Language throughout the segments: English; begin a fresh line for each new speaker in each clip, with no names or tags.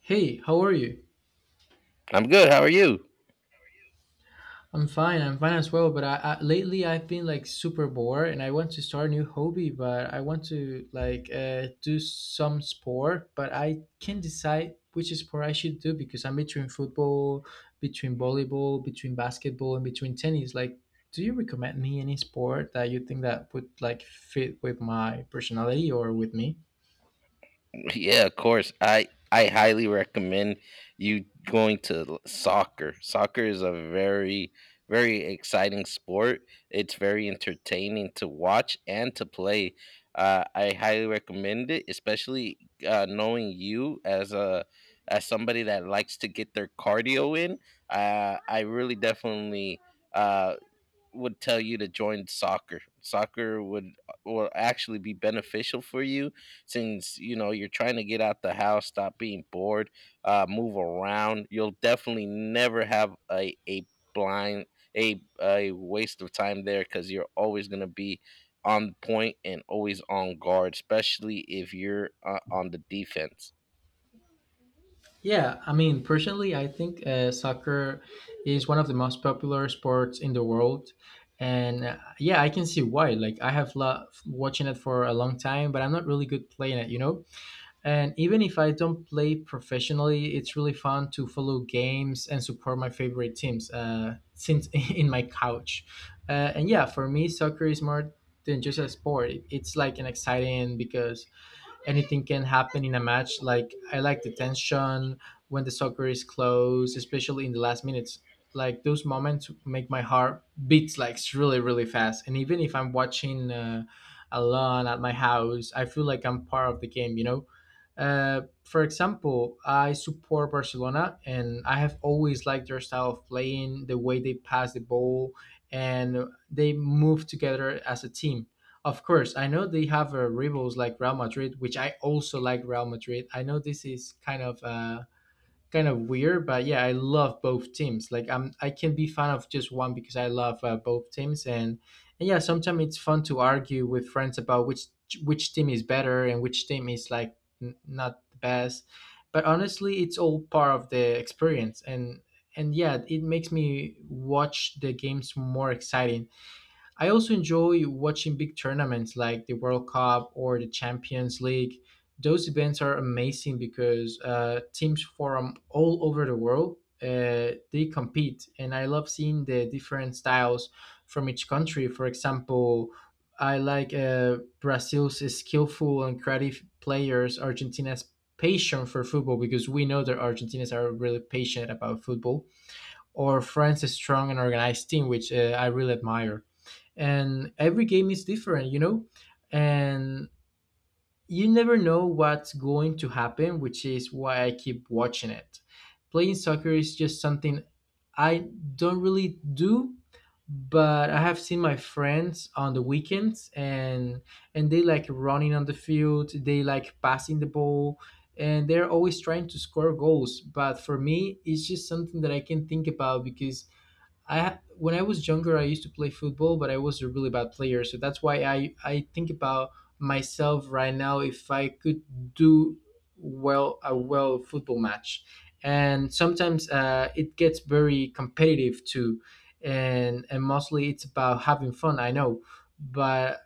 Hey, how are you?
I'm good. How are you?
I'm fine. I'm fine as well. But I lately I've been like super bored, and I want to start a new hobby. But I want to like do some sport, but I can't decide which sport I should do because I'm between football, between volleyball, between basketball, and between tennis. Like, do you recommend me any sport that you think that would like fit with my personality or with me?
Yeah, of course. I highly recommend you going to soccer. Soccer is a very very exciting sport. It's very entertaining to watch and to play. I highly recommend it, especially knowing you as somebody that likes to get their cardio in. I really definitely uh, would tell you to join soccer. Soccer would will actually be beneficial for you since you know you're trying to get out the house, stop being bored, move around. You'll definitely never have a blind a waste of time there because you're always gonna be on point and always on guard, especially if you're on the defense.
Yeah, I mean, personally, I think soccer is one of the most popular sports in the world. And yeah, I can see why. Like, I have loved watching it for a long time, but I'm not really good playing it, you know? And even if I don't play professionally, it's really fun to follow games and support my favorite teams since in my couch. And yeah, for me, soccer is more than just a sport. It's like an exciting because anything can happen in a match. Like I like the tension when the soccer is close, especially in the last minutes. Like those moments make my heart beats like really fast. And even if I'm watching alone at my house, I feel like I'm part of the game. You know. For example, I support Barcelona, and I have always liked their style of playing, the way they pass the ball, and they move together as a team. Of course, I know they have rivals like Real Madrid, which I also like Real Madrid. I know this is kind of weird, but yeah, I love both teams. I can be fan of just one because I love both teams, and yeah, sometimes it's fun to argue with friends about which team is better and which team is like not the best. But honestly, it's all part of the experience, and yeah, it makes me watch the games more exciting. I also enjoy watching big tournaments like the World Cup or the Champions League. Those events are amazing because teams from all over the world they compete, and I love seeing the different styles from each country. For example, I like Brazil's skillful and creative players, Argentina's passion for football because we know that Argentinians are really passionate about football, or France's strong and organized team, which I really admire, and every game is different, you know, and you never know what's going to happen, which is why I keep watching it. Playing soccer is just something I don't really do, but I have seen my friends on the weekends, and they like running on the field, they like passing the ball, and they're always trying to score goals, but for me it's just something that I can think about because when I was younger, I used to play football, but I was a really bad player. So that's why I think about myself right now if I could do well football match, and sometimes it gets very competitive too, and mostly it's about having fun. I know, but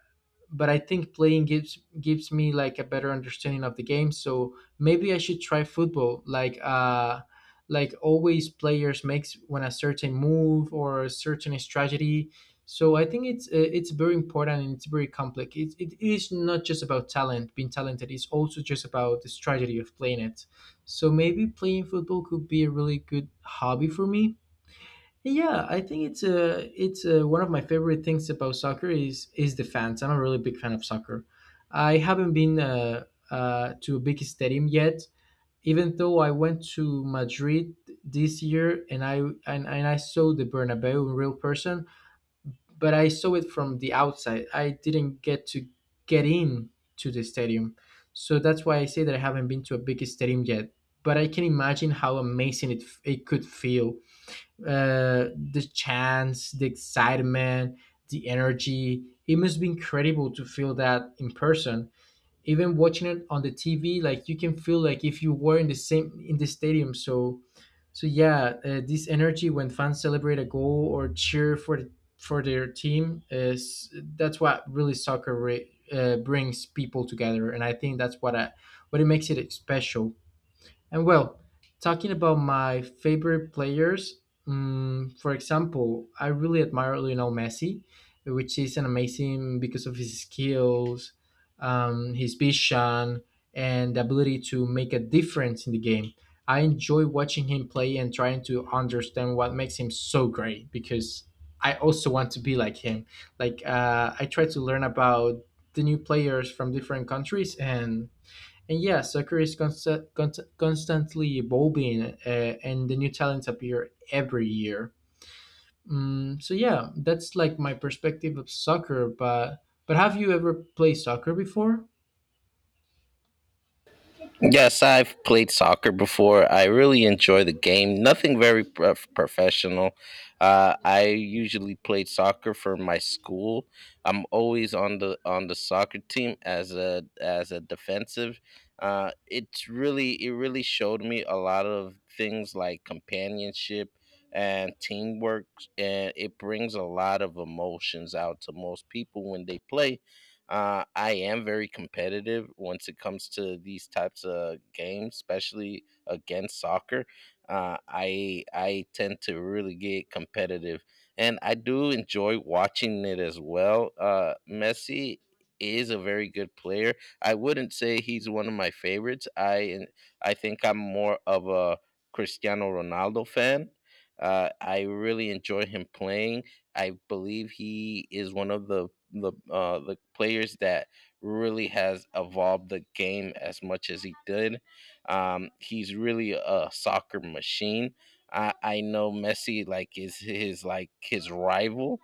but I think playing gives me like a better understanding of the game. So maybe I should try football, like always players makes when a certain move or a certain strategy. So I think it's very important and it's very complex. It is not just about talent, being talented. It's also just about the strategy of playing it. So maybe playing football could be a really good hobby for me. Yeah, I think it's one of my favorite things about soccer is the fans. I'm a really big fan of soccer. I haven't been to a big stadium yet, even though I went to Madrid this year and I and I saw the Bernabeu in real person, but I saw it from the outside. I didn't get to get in to the stadium, so that's why I say that I haven't been to a big stadium yet. But I can imagine how amazing it could feel, the chance, the excitement, the energy. It must be incredible to feel that in person. Even watching it on the TV, like you can feel like if you were in the same in the stadium. So, so yeah, this energy when fans celebrate a goal or cheer for for their team is that's what really soccer brings people together, and I think that's what it makes it special. And well, talking about my favorite players, for example, I really admire Lionel Messi, which is an amazing because of his skills, his vision, and the ability to make a difference in the game. I enjoy watching him play and trying to understand what makes him so great because I also want to be like him. Like I try to learn about the new players from different countries, and yeah, soccer is constantly evolving, and the new talents appear every year. So yeah, that's like my perspective of soccer. But have you ever played soccer before?
Yes, I've played soccer before. I really enjoy the game. Nothing very professional. I usually played soccer for my school. I'm always on the soccer team as a defensive. It really showed me a lot of things like companionship and teamwork, and it brings a lot of emotions out to most people when they play. I am very competitive once it comes to these types of games, especially against soccer. I tend to really get competitive, and I do enjoy watching it as well. Messi is a very good player. I wouldn't say he's one of my favorites. I think I'm more of a Cristiano Ronaldo fan. I really enjoy him playing. I believe he is one of the players that really has evolved the game as much as he did. He's really a soccer machine. I know Messi like his rival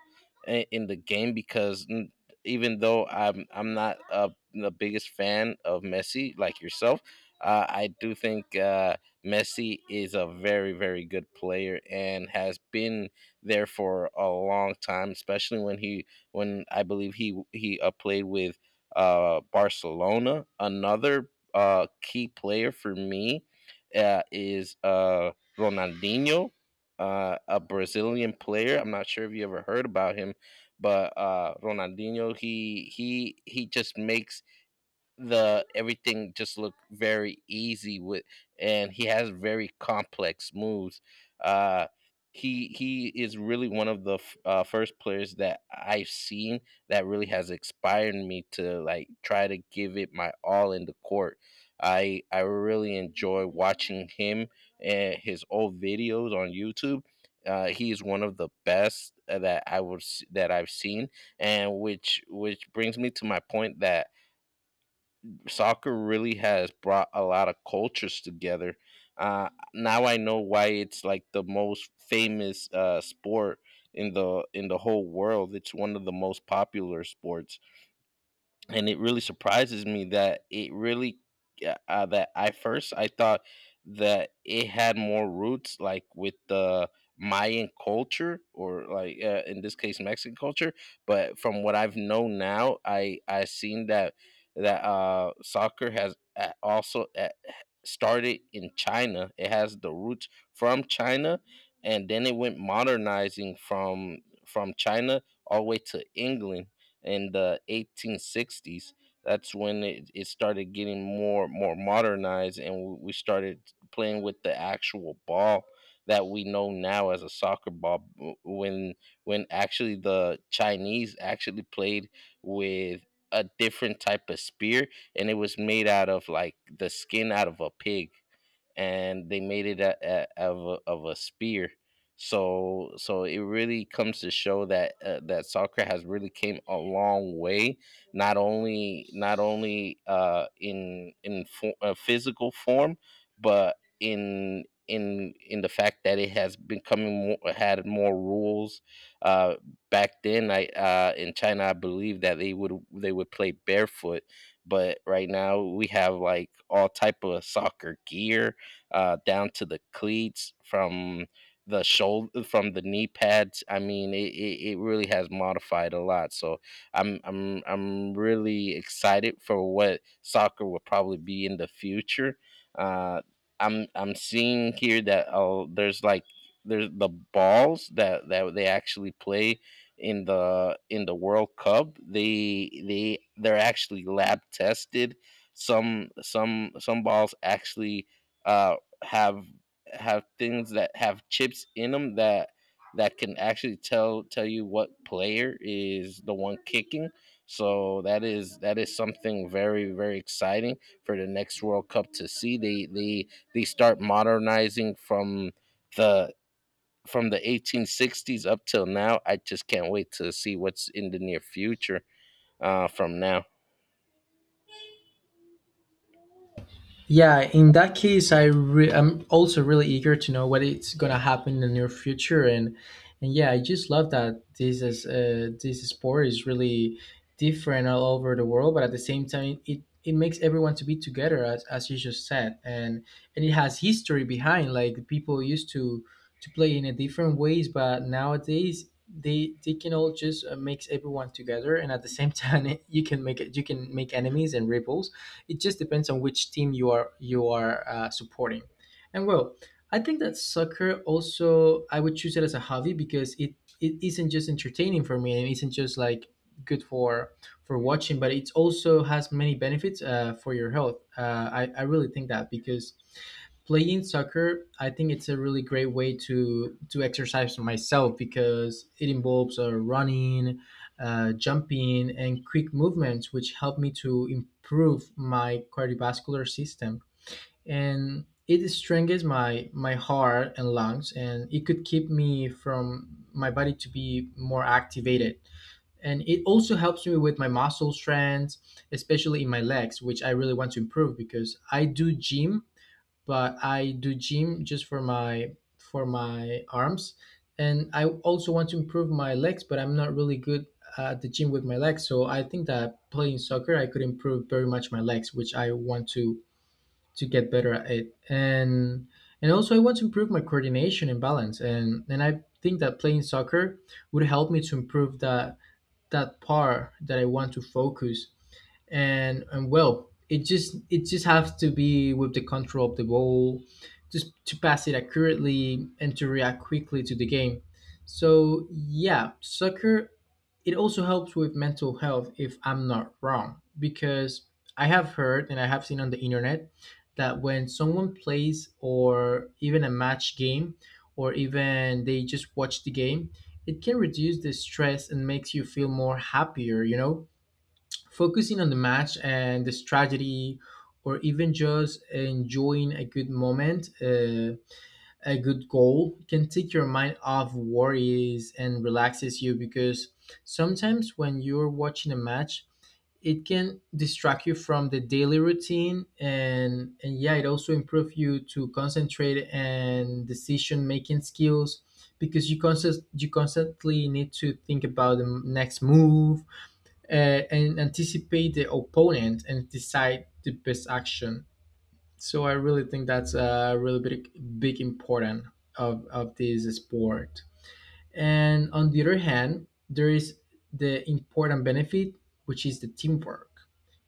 in the game because even though I'm not the biggest fan of Messi like yourself, I do think Messi is a very very good player and has been there for a long time, especially when I believe he played with Barcelona. Another key player for me is Ronaldinho, a Brazilian player. I'm not sure if you ever heard about him, but Ronaldinho he just makes the everything just looked very easy with, and he has very complex moves. uh he is really one of the first players that I've seen that really has inspired me to like try to give it my all in the court. I really enjoy watching him and his old videos on YouTube. He is one of the best that I've seen, and which brings me to my point that soccer really has brought a lot of cultures together. Uh, now I know why it's like the most famous sport in the whole world. It's one of the most popular sports, and it really surprises me that it really, yeah, that I thought that it had more roots like with the Mayan culture or like in this case Mexican culture, but from what I've known now, I seen that that soccer has also started in China. It has the roots from China, and then it went modernizing from China all the way to England in the 1860s. That's when it started getting more modernized, and we started playing with the actual ball that we know now as a soccer ball when actually the Chinese actually played with a different type of spear, and it was made out of like the skin out of a pig, and they made it a spear. So it really comes to show that soccer has really came a long way, not only not only physical form, but in the fact that it has had more rules. Uh, back then, I in China, I believe that they would play barefoot, but right now we have like all type of soccer gear, down to the cleats, from the shoulder, from the knee pads. I mean, it really has modified a lot. So I'm really excited for what soccer will probably be in the future. Uh, I'm seeing here that, oh, there's the balls that they actually play in the World Cup. They're actually lab tested. Some balls actually uh have have things that have chips in them that can actually tell you what player is the one kicking. So that is something very very exciting for the next World Cup to see. They start modernizing from the the 1860s up till now. I just can't wait to see what's in the near future from now.
Yeah, in that case, I'm also really eager to know what it's gonna happen in the near future, and yeah, I just love that this sport is really different all over the world, but at the same time, it makes everyone to be together, as you just said, and it has history behind. Like people used to play in a different ways, but nowadays they can all just makes everyone together, and at the same time, you can make enemies and ripples. It just depends on which team you are supporting. And well, I think that soccer also I would choose it as a hobby because it isn't just entertaining for me and it isn't just like good for watching, but it also has many benefits for your health. I really think that because playing soccer I think it's a really great way to exercise myself because it involves running, jumping, and quick movements, which helped me to improve my cardiovascular system. And it strengthens my my heart and lungs, and it could keep me from my body to be more activated. And it also helps me with my muscle strength, especially in my legs, which I really want to improve because I do gym but I do gym just for my arms, and I also want to improve my legs, but I'm not really good at the gym with my legs. So I think that playing soccer, I could improve very much my legs, which I want to get better at it, and also I want to improve my coordination and balance, and I think that playing soccer would help me to improve that that part that I want to focus, and well it just has to be with the control of the ball, just to pass it accurately and to react quickly to the game. So yeah, soccer it also helps with mental health if I'm not wrong because I have heard and I have seen on the internet that when someone plays or even a match game or even they just watch the game, it can reduce the stress and makes you feel more happier, you know. Focusing on the match and the strategy, or even just enjoying a good moment, a good goal, can take your mind off worries and relaxes you because sometimes when you're watching a match, it can distract you from the daily routine, and yeah it also improves you to concentrate and decision making skills because you constantly need to think about the next move, and anticipate the opponent and decide the best action. So I really think that's a really big important of this sport. And on the other hand, there is the important benefit, which is the teamwork.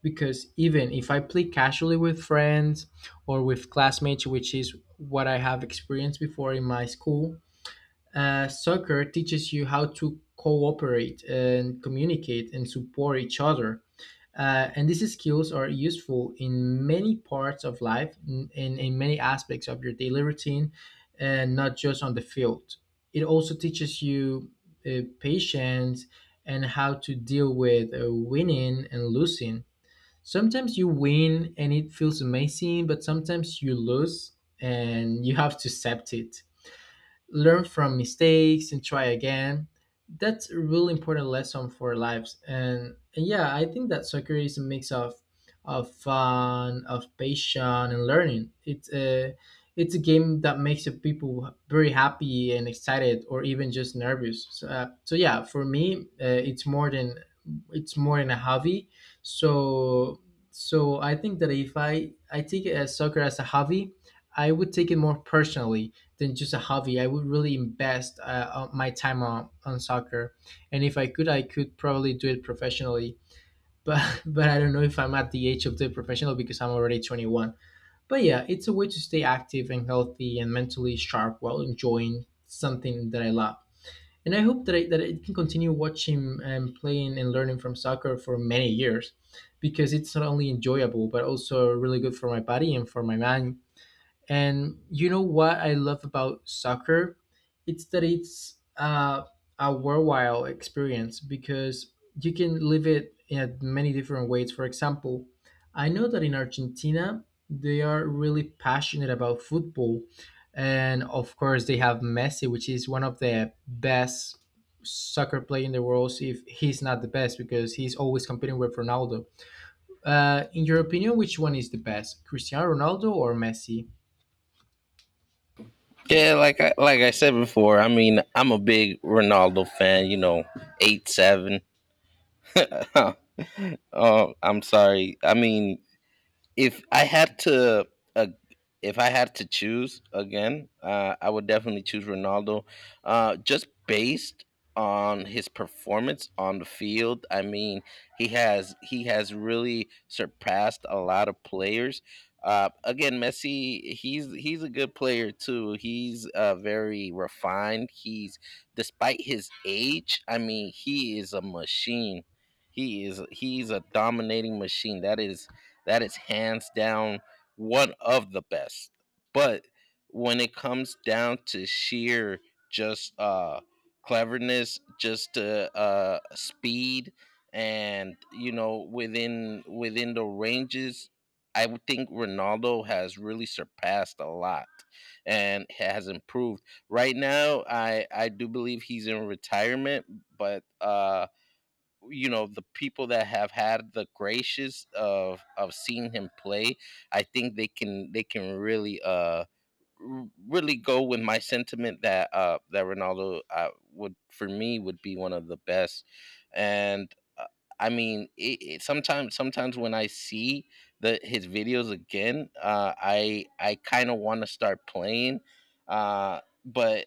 Because even if I play casually with friends or with classmates, which is what I have experienced before in my school, soccer teaches you how to cooperate and communicate and support each other, and these skills are useful in many parts of life, in many aspects of your daily routine, and not just on the field. It also teaches you patience and how to deal with winning and losing. Sometimes you win and it feels amazing, but sometimes you lose and you have to accept it, learn from mistakes and try again. That's a really important lesson for lives. And yeah, I think that soccer is a mix of fun, of passion, and learning. It's a game that makes the people very happy and excited, or even just nervous. So yeah, for me, it's more than a hobby. So so I think that if I take soccer as a hobby, I would take it more personally than just a hobby. I would really invest my time on soccer, and if I could, I could probably do it professionally. But but I don't know if I'm at the age of the professional because I'm already 21. But yeah, it's a way to stay active and healthy and mentally sharp while enjoying something that I love. And I hope that I can continue watching and playing and learning from soccer for many years, because it's not only enjoyable but also really good for my body and for my mind. And you know what I love about soccer? It's that it's a worthwhile experience, because you can live it in many different ways. For example, I know that in Argentina, they are really passionate about football. And of course, they have Messi, which is one of the best soccer player in the world, if he's not the best, because he's always competing with Ronaldo. In your opinion, which one is the best, Cristiano Ronaldo or Messi?
Yeah, like I said before, I mean I'm a big Ronaldo fan. You know, 8-7. Oh, I'm sorry. I mean, if I had to, uh, if I had to choose again, I would definitely choose Ronaldo, just based on his performance on the field. I mean, he has really surpassed a lot of players. Again, Messi, he's a good player too. He's very refined. He's Despite his age, I mean, he is a machine. He's a dominating machine. That is hands down one of the best. But when it comes down to sheer just cleverness, just to speed, and you know within the ranges, I would think Ronaldo has really surpassed a lot and has improved. Right now, I do believe he's in retirement, but you know, the people that have had the gracious of seeing him play, I think they can really really go with my sentiment that Ronaldo, would for me, would be one of the best. And uh, I mean, it, sometimes sometimes when I see the his videos again, I kind of want to start playing, but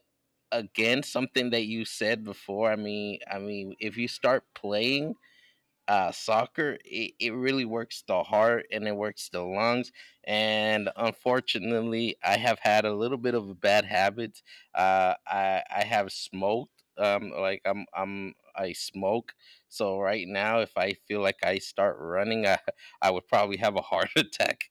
again, something that you said before. I mean if you start playing soccer, it really works the heart and it works the lungs. And unfortunately, I have had a little bit of a bad habit. I have smoked. I smoke. So right now, if I feel like I start running, I would probably have a heart attack.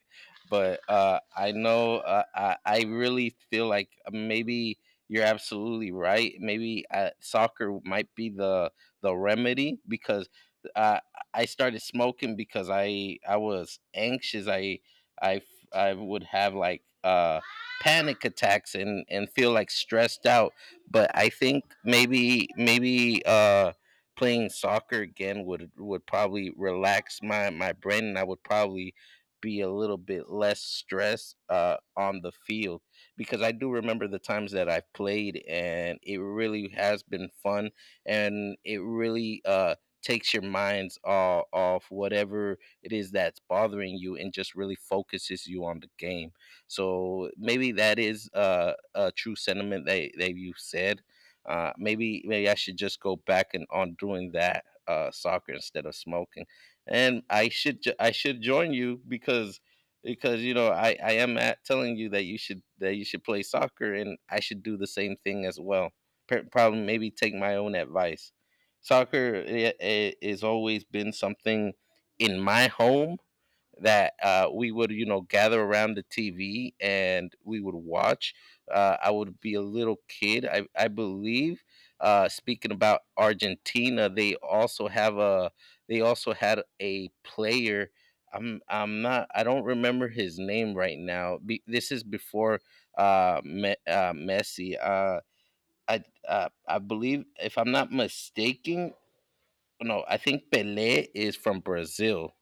But I know I really feel like maybe you're absolutely right. Maybe soccer might be the remedy because. Uh, I started smoking because I was anxious. I would have like panic attacks and feel like stressed out. But I think maybe maybe playing soccer again would probably relax my brain, and I would probably be a little bit less stressed on the field, because I do remember the times that I've played and it really has been fun, and it really takes your minds all off whatever it is that's bothering you, and just really focuses you on the game. So maybe that is a true sentiment that you said. Maybe I should just go back and on doing that soccer instead of smoking, and I should I should join you, because you know, I am at telling you that you should play soccer, and I should do the same thing as well. Probably maybe take my own advice. Soccer is always been something in my home that we would, you know, gather around the TV and we would watch. I would be a little kid. I believe, speaking about Argentina, they also they also had a player. I don't remember his name right now. This is before Messi. I believe, if I'm not mistaken, no, I think Pelé is from Brazil.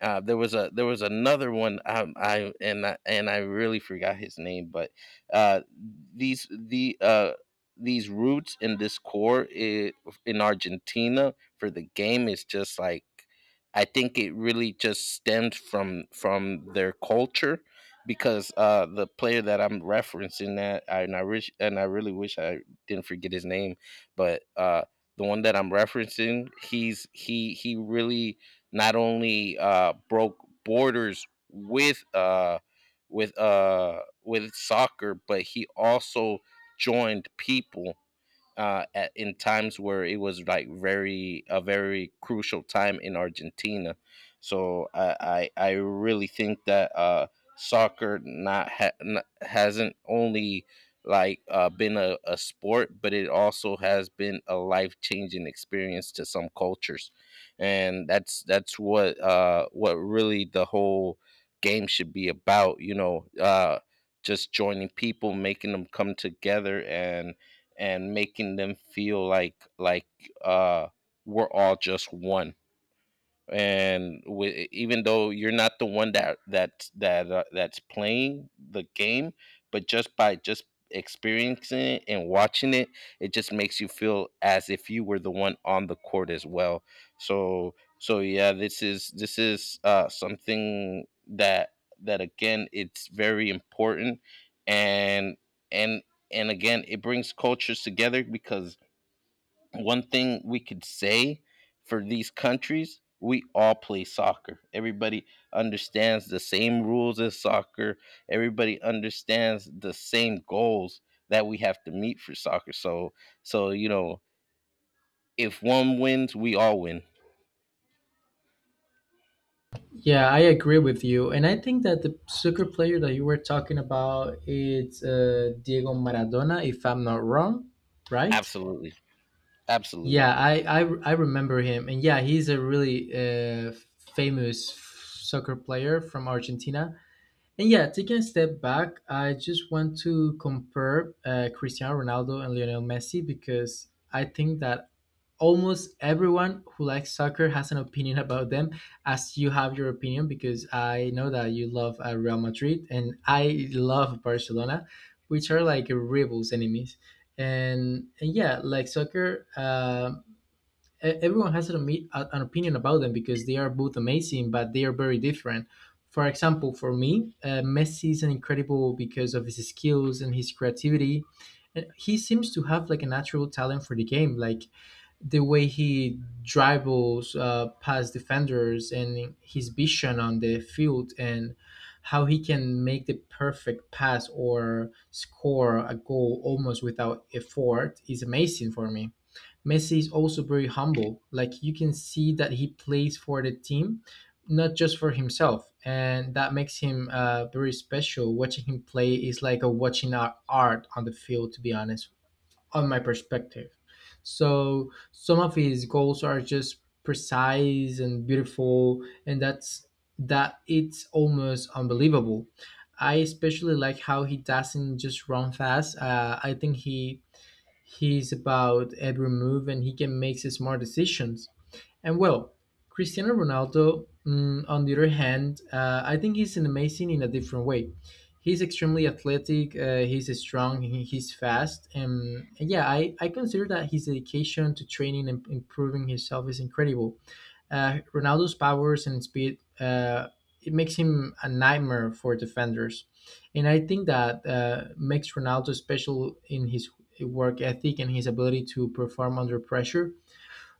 There was a there was another one, I really forgot his name, but uh, these the uh, these roots in this core I in Argentina for the game is just like, I think it really just stemmed from their culture, because the player that I'm referencing, that I, and I wish and I really wish I didn't forget his name, but the one that I'm referencing, he really not only broke borders with with soccer, but he also joined people in times where it was like very crucial time in Argentina. So I really think that soccer not, hasn't only like been a sport, but it also has been a life changing experience to some cultures, and that's what really the whole game should be about. Just joining people, making them come together, and making them feel like uh we're all just one, and even though you're not the one that's playing the game, but just by just experiencing it and watching it, it just makes you feel as if you were the one on the court as well. So, yeah, this is something that, again, it's very important, and and and, again, it brings cultures together. Because one thing we could say for these countries: we all play soccer. Everybody understands the same rules as soccer. Everybody understands the same goals that we have to meet for soccer. So, if one wins, we all win.
Yeah, I agree with you, and I think that the soccer player that you were talking about it's Diego Maradona, if I'm not wrong, right?
Absolutely, absolutely.
Yeah, I, I remember him, and yeah, he's a really uh, famous soccer player from Argentina. And yeah, taking a step back, I just want to compare Cristiano Ronaldo and Lionel Messi, because I think that almost everyone who likes soccer has an opinion about them, as you have your opinion, because I know that you love Real Madrid and I love Barcelona, which are like rivals, enemies. And yeah, like soccer. Everyone has an opinion about them, because they are both amazing, but they are very different. For example, for me, Messi is an incredible because of his skills and his creativity. And he seems to have like a natural talent for the game, like the way he dribbles past defenders, and his vision on the field, and how he can make the perfect pass or score a goal almost without effort is amazing for me. Messi is also very humble. Like you can see that he plays for the team, not just for himself, and that makes him very special. Watching him play is like a watching art on the field, to be honest, on my perspective. So some of his goals are just precise and beautiful, and that's that. It's almost unbelievable. I especially like how he doesn't just run fast. I think he's about every move and he can make smart decisions. And well, Cristiano Ronaldo, on the other hand, I think he's an amazing in a different way. He's extremely athletic, he's strong, he's fast. And yeah, I consider that his dedication to training and improving himself is incredible. Ronaldo's powers and speed, it makes him a nightmare for defenders, and I think that makes Ronaldo special in his work ethic and his ability to perform under pressure.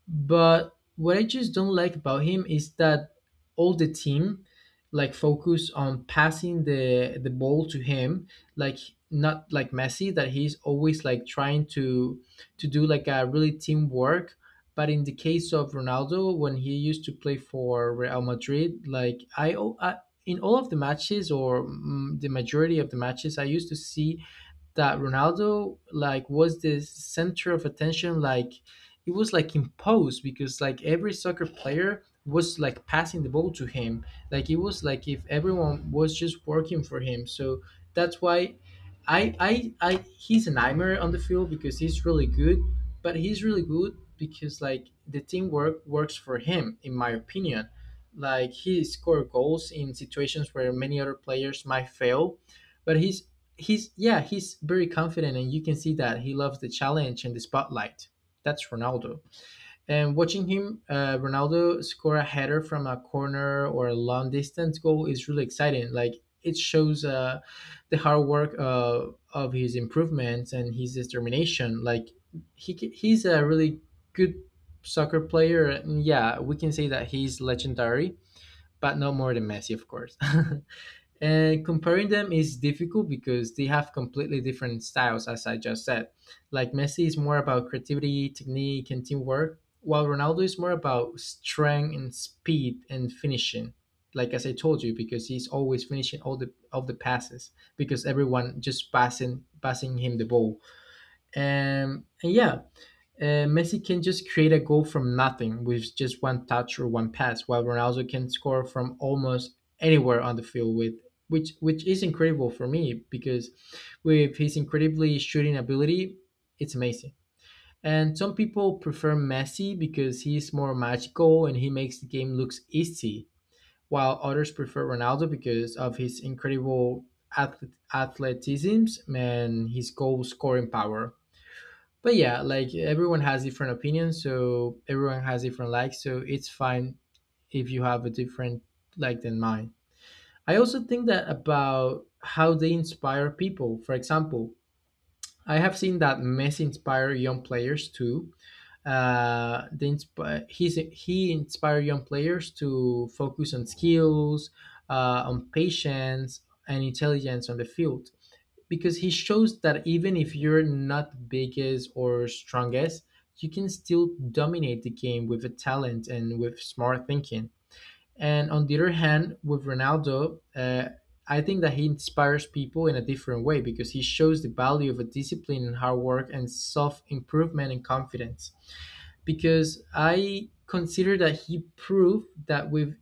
But what I just don't like about him is that all the team like focus on passing the ball to him, like not like Messi, that he's always like trying to do like a really teamwork. But in the case of Ronaldo, when he used to play for Real Madrid, like I in all of the matches, or the majority of the matches, I used to see that Ronaldo like was the center of attention. Like it was like imposed, because like every soccer player was like passing the ball to him. Like it was like if everyone was just working for him. So that's why I he's a nightmare on the field, because he's really good, but he's really good because like the teamwork works for him in my opinion. Like he scored goals in situations where many other players might fail, but he's yeah he's very confident, and you can see that he loves the challenge and the spotlight. That's Ronaldo. And watching him, Ronaldo, score a header from a corner or a long distance goal is really exciting. Like it shows the hard work, of his improvements and his determination. Like he's a really good soccer player, and yeah, we can say that he's legendary, but no more than Messi, of course. And comparing them is difficult, because they have completely different styles, as I just said. Like Messi is more about creativity, technique, and teamwork, while Ronaldo is more about strength and speed and finishing. Like as I told you, because he's always finishing all the of the passes, because everyone just passing him the ball. And yeah, Messi can just create a goal from nothing with just one touch or one pass, while Ronaldo can score from almost anywhere on the field with which is incredible for me, because with his incredibly shooting ability, it's amazing. And some people prefer Messi because he's more magical and he makes the game looks easy, while others prefer Ronaldo because of his incredible athleticism and his goal scoring power. But yeah, like everyone has different opinions, so everyone has different likes, so it's fine if you have a different like than mine. I also think that about how they inspire people. For example, I have seen that Messi inspire young players too. He inspire young players to focus on skills, on patience and intelligence on the field, because he shows that even if you're not biggest or strongest, you can still dominate the game with a talent and with smart thinking. And on the other hand, with Ronaldo, I think that he inspires people in a different way, because he shows the value of a discipline and hard work and self improvement and confidence. Because I consider that he proved that with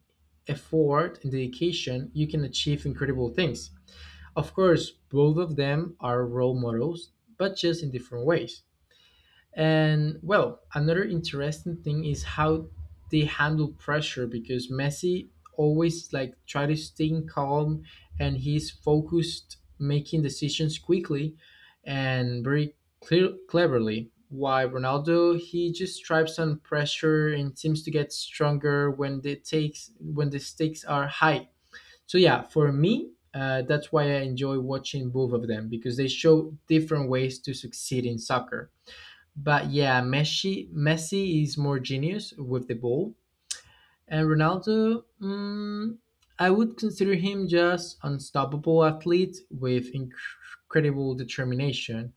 effort and dedication, you can achieve incredible things. Of course, both of them are role models, but just in different ways. And well, another interesting thing is how they handle pressure, because Messi always like try to stay calm and he's focused making decisions quickly and very clear cleverly. Why Ronaldo, he just thrives on pressure and seems to get stronger when the takes when the stakes are high. So yeah, for me, that's why I enjoy watching both of them, because they show different ways to succeed in soccer. But yeah, Messi is more genius with the ball, and Ronaldo, I would consider him just unstoppable athlete with incredible determination.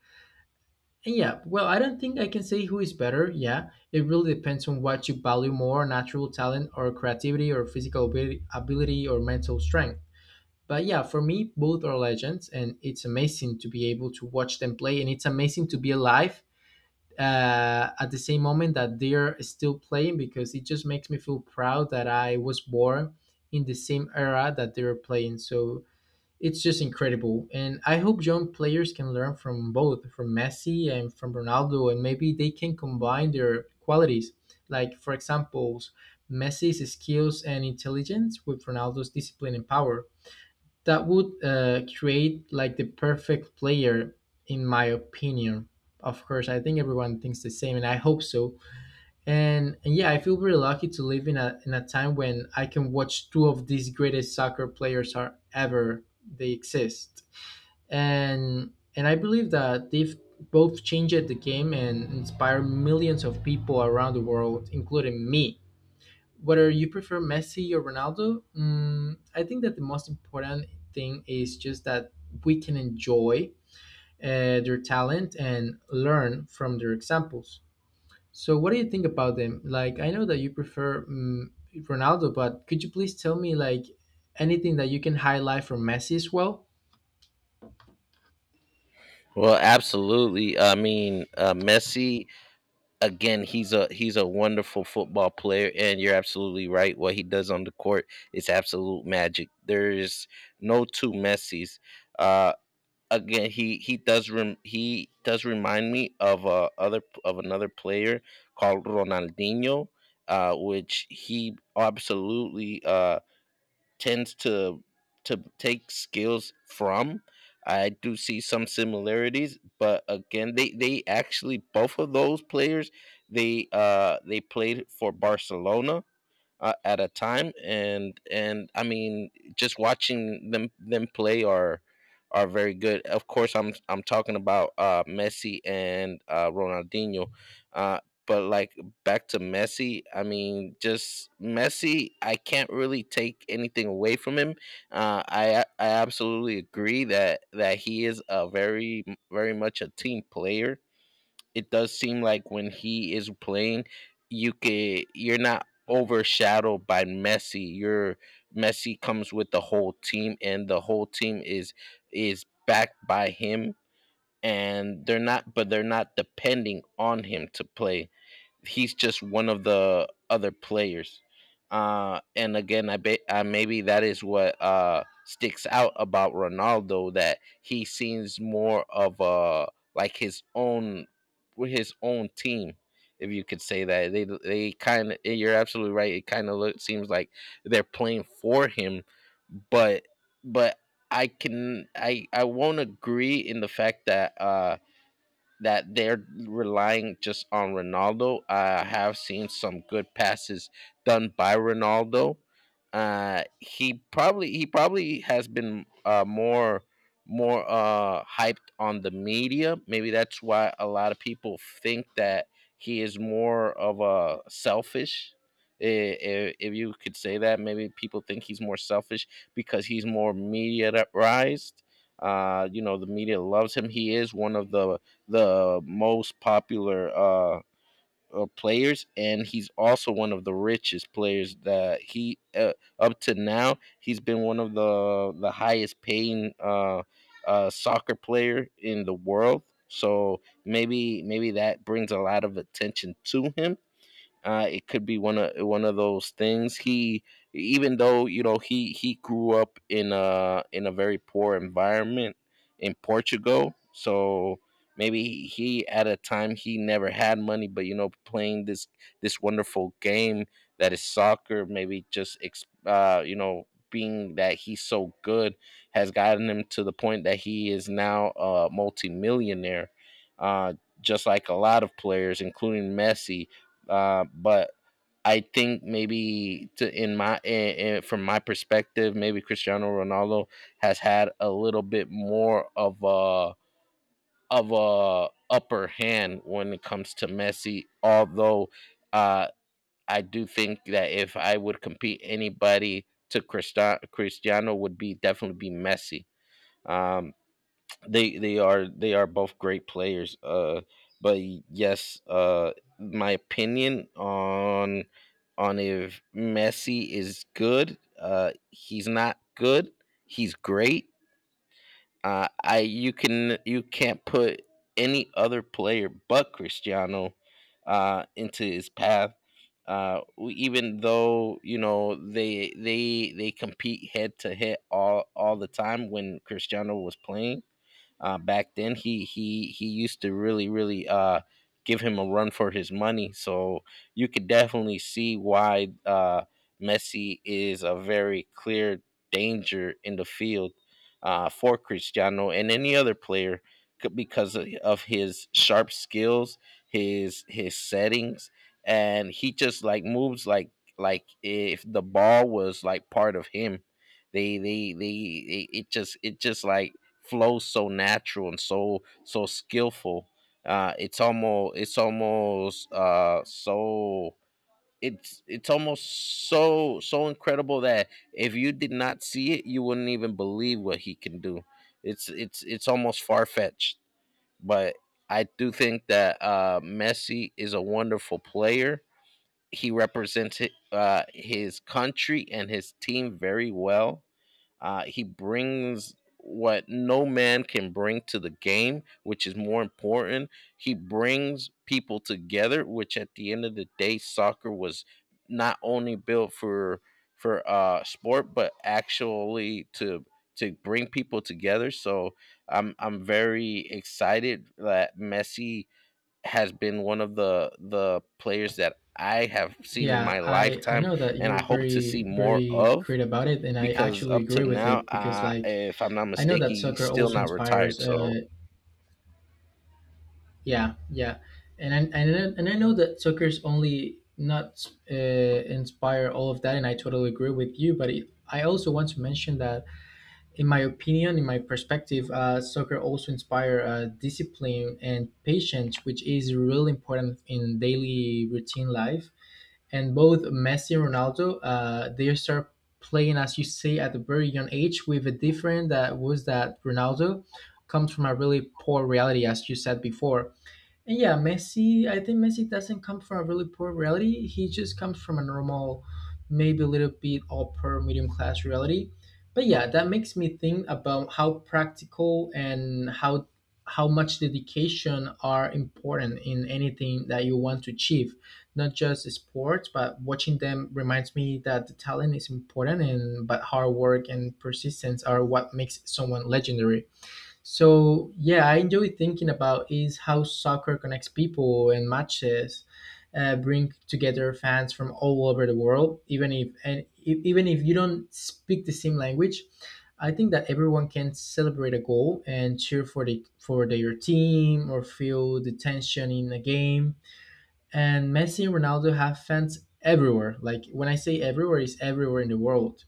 And yeah, well, I don't think I can say who is better. Yeah, it really depends on what you value more, natural talent or creativity or physical ability or mental strength. But yeah, for me, both are legends, and it's amazing to be able to watch them play, and it's amazing to be alive at the same moment that they're still playing, because it just makes me feel proud that I was born in the same era that they were playing. So it's just incredible, and I hope young players can learn from both, from Messi and from Ronaldo, and maybe they can combine their qualities. Like for example, Messi's skills and intelligence with Ronaldo's discipline and power, that would create like the perfect player, in my opinion. Of course I think everyone thinks the same, and I hope so. And yeah, I feel very lucky to live in a time when I can watch two of these greatest soccer players are ever they exist. And I believe that they've both changed the game and inspired millions of people around the world, including me. Whether you prefer Messi or Ronaldo, I think that the most important thing is just that we can enjoy their talent and learn from their examples. So, what do you think about them? Like, I know that you prefer Ronaldo, but could you please tell me like anything that you can highlight from Messi as well?
Well, absolutely, I mean, Messi, again, he's a wonderful football player, and you're absolutely right. What he does on the court is absolute magic. There is no two Messies. uh Again, he does remind me of a other of another player called Ronaldinho, which he absolutely tends to take skills from. I do see some similarities, but again, they actually, both of those players, they played for Barcelona at a time. And I mean, just watching them play are very good. Of course, I'm talking about Messi and Ronaldinho. uh but, like, back to Messi. I mean, just Messi, I can't really take anything away from him. I absolutely agree that he is a very, very much a team player. It does seem like when he is playing, you're not overshadowed by Messi. Your Messi comes with the whole team, and the whole team is backed by him, and they're not, but they're not depending on him to play. He's just one of the other players. And again, I bet maybe that is what sticks out about Ronaldo, that he seems more of a, like, his own, with his own team, if you could say that. They kind of— you're absolutely right. It kind of seems like they're playing for him, but but I can I won't agree in the fact that they're relying just on Ronaldo. I have seen some good passes done by Ronaldo. He probably has been more hyped on the media. Maybe that's why a lot of people think that he is more of a selfish. If you could say that, maybe people think he's more selfish because he's more mediatized. The media loves him. He is one of the most popular players, and he's also one of the richest players that he up to now. He's been one of the highest paying soccer player in the world. So maybe that brings a lot of attention to him. It could be one of those things. Even though, he grew up in a very poor environment in Portugal. So maybe he at a time he never had money, but, playing this wonderful game that is soccer, maybe just being that he's so good has gotten him to the point that he is now a multimillionaire. Uh, just like a lot of players, including Messi, but I think, maybe to in my in- from my perspective, maybe Cristiano Ronaldo has had a little bit more of a, upper hand when it comes to Messi. Although uh, I do think that if I would compete anybody to Cristiano, would be definitely be Messi. Um, they are both great players, but yes. My opinion on— if Messi is good— he's not good, he's great. Uh i you can you can't put any other player but Cristiano into his path. Even though, they compete head to head all the time when Cristiano was playing, back then. He used to really, really give him a run for his money. So you could definitely see why, Messi is a very clear danger in the field, for Cristiano and any other player, because of his sharp skills, his settings, and he just, like, moves, like if the ball was, like, part of him. They it it just like flow, so natural, and so skillful. It's almost so it's almost so incredible that if you did not see it, you wouldn't even believe what he can do. It's almost far fetched, but I do think that, Messi is a wonderful player. He represents his country and his team very well. He brings what no man can bring to the game, which is more important. He brings people together, which, at the end of the day, soccer was not only built for sport, but actually to bring people together. So I'm very excited that Messi has been one of the players that I have seen in
Yeah,
my
I
lifetime,
know that
and
you're
I hope to
very
see more
very
of,
great about it, and I
because
actually
up to
agree with
now,
it, because like
if I'm not
I know
mistaken,
that
he's
soccer
still
also
not
inspires.
retired. So
Yeah, yeah, and I know that soccer's only not inspire all of that, and I totally agree with you. But it, I also want to mention that, in my opinion, in my perspective, soccer also inspire discipline and patience, which is really important in daily routine life. And both Messi and Ronaldo, they start playing, as you say, at a very young age. With a different that was that Ronaldo comes from a really poor reality, as you said before. And yeah, Messi, I think Messi doesn't come from a really poor reality. He just comes from a normal, maybe a little bit upper medium class reality. But yeah, that makes me think about how practical and how much dedication are important in anything that you want to achieve. Not just sports, but watching them reminds me that the talent is important and but hard work and persistence are what makes someone legendary. So yeah, I enjoy thinking about is how soccer connects people and matches bring together fans from all over the world, even if you don't speak the same language. I think that everyone can celebrate a goal and cheer for their team or feel the tension in a game. And Messi and Ronaldo have fans everywhere. Like when I say everywhere, is everywhere in the world,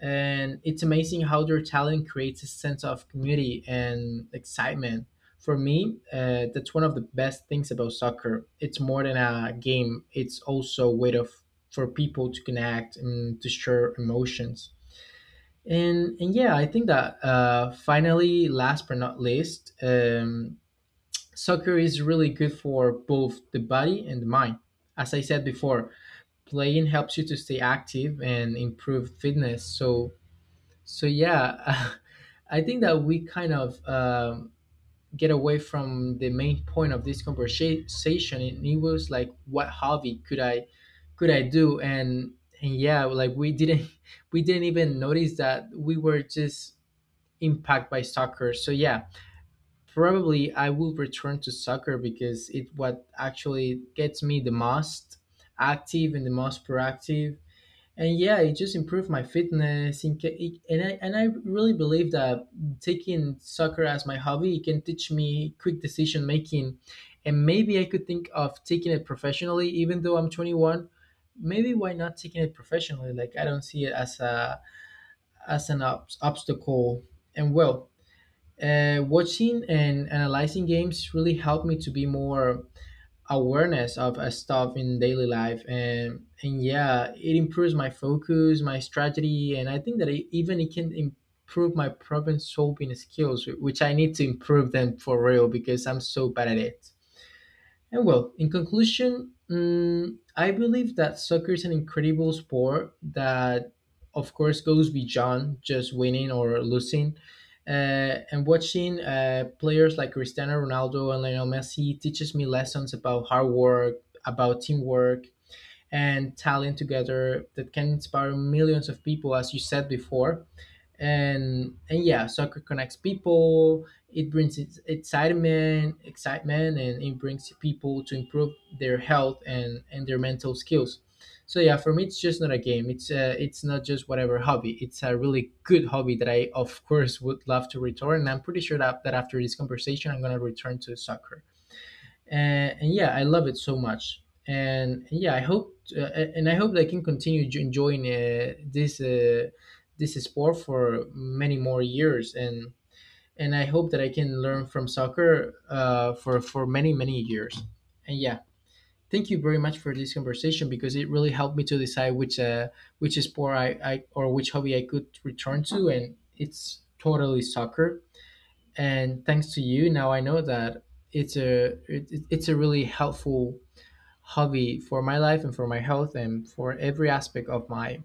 and it's amazing how their talent creates a sense of community and excitement. For me, that's one of the best things about soccer. It's more than a game; it's also a way of for people to connect and to share emotions. And yeah, I think that finally, last but not least, soccer is really good for both the body and the mind. As I said before, playing helps you to stay active and improve fitness. So so yeah, I think that we kind of get away from the main point of this conversation, and it was like, what hobby could I do? And yeah, like we didn't we didn't even notice that we were just impacted by soccer. So yeah, probably I will return to soccer because it what actually gets me the most active and the most proactive, and yeah, it just improved my fitness. In, ca- it- and I really believe that taking soccer as my hobby it can teach me quick decision making, and maybe I could think of taking it professionally. Even though I'm 21, maybe why not taking it professionally? Like I don't see it as a as an ob- obstacle. And well, watching and analyzing games really helped me to be more awareness of stuff in daily life, and yeah, it improves my focus, my strategy, and I think that it, even it can improve my problem solving skills, which I need to improve them for real because I'm so bad at it. And well, in conclusion, I believe that soccer is an incredible sport that, of course, goes beyond just winning or losing. And watching players like Cristiano Ronaldo and Lionel Messi teaches me lessons about hard work, about teamwork, and talent together that can inspire millions of people, as you said before. And yeah, soccer connects people, it brings its excitement, and it brings people to improve their health and their mental skills. So yeah, for me it's just not a game, it's not just whatever hobby, it's a really good hobby that I of course would love to return, and I'm pretty sure that, that after this conversation I'm going to return to soccer. And yeah, I love it so much, and yeah, I hope and I hope that I can continue enjoying this this sport for many more years, and I hope that I can learn from soccer for many many years, and yeah, thank you very much for this conversation because it really helped me to decide which sport I or which hobby I could return to, and it's totally soccer. And thanks to you now I know that it's a it's a really helpful hobby for my life and for my health and for every aspect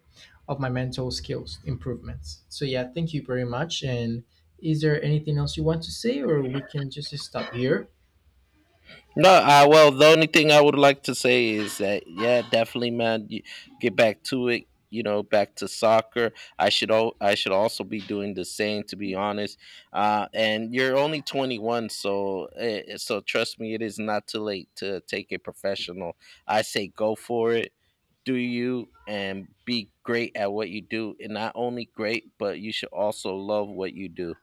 of my mental skills improvements. So yeah, thank you very much, and is there anything else you want to say, or we can just stop here?
no, well, the only thing I would like to say is that, yeah, definitely, man, you get back to it. Back to soccer. I should also be doing the same, to be honest. And you're only 21, so trust me, it is not too late to take it professional. I say, go for it. Do you, and be great at what you do. And not only great, but you should also love what you do.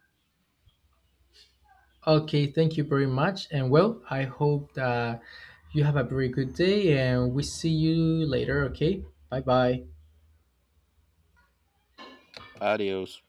Okay, thank you very much, and well, I hope that you have a very good day, and we see you later. Okay, bye bye.
Adios.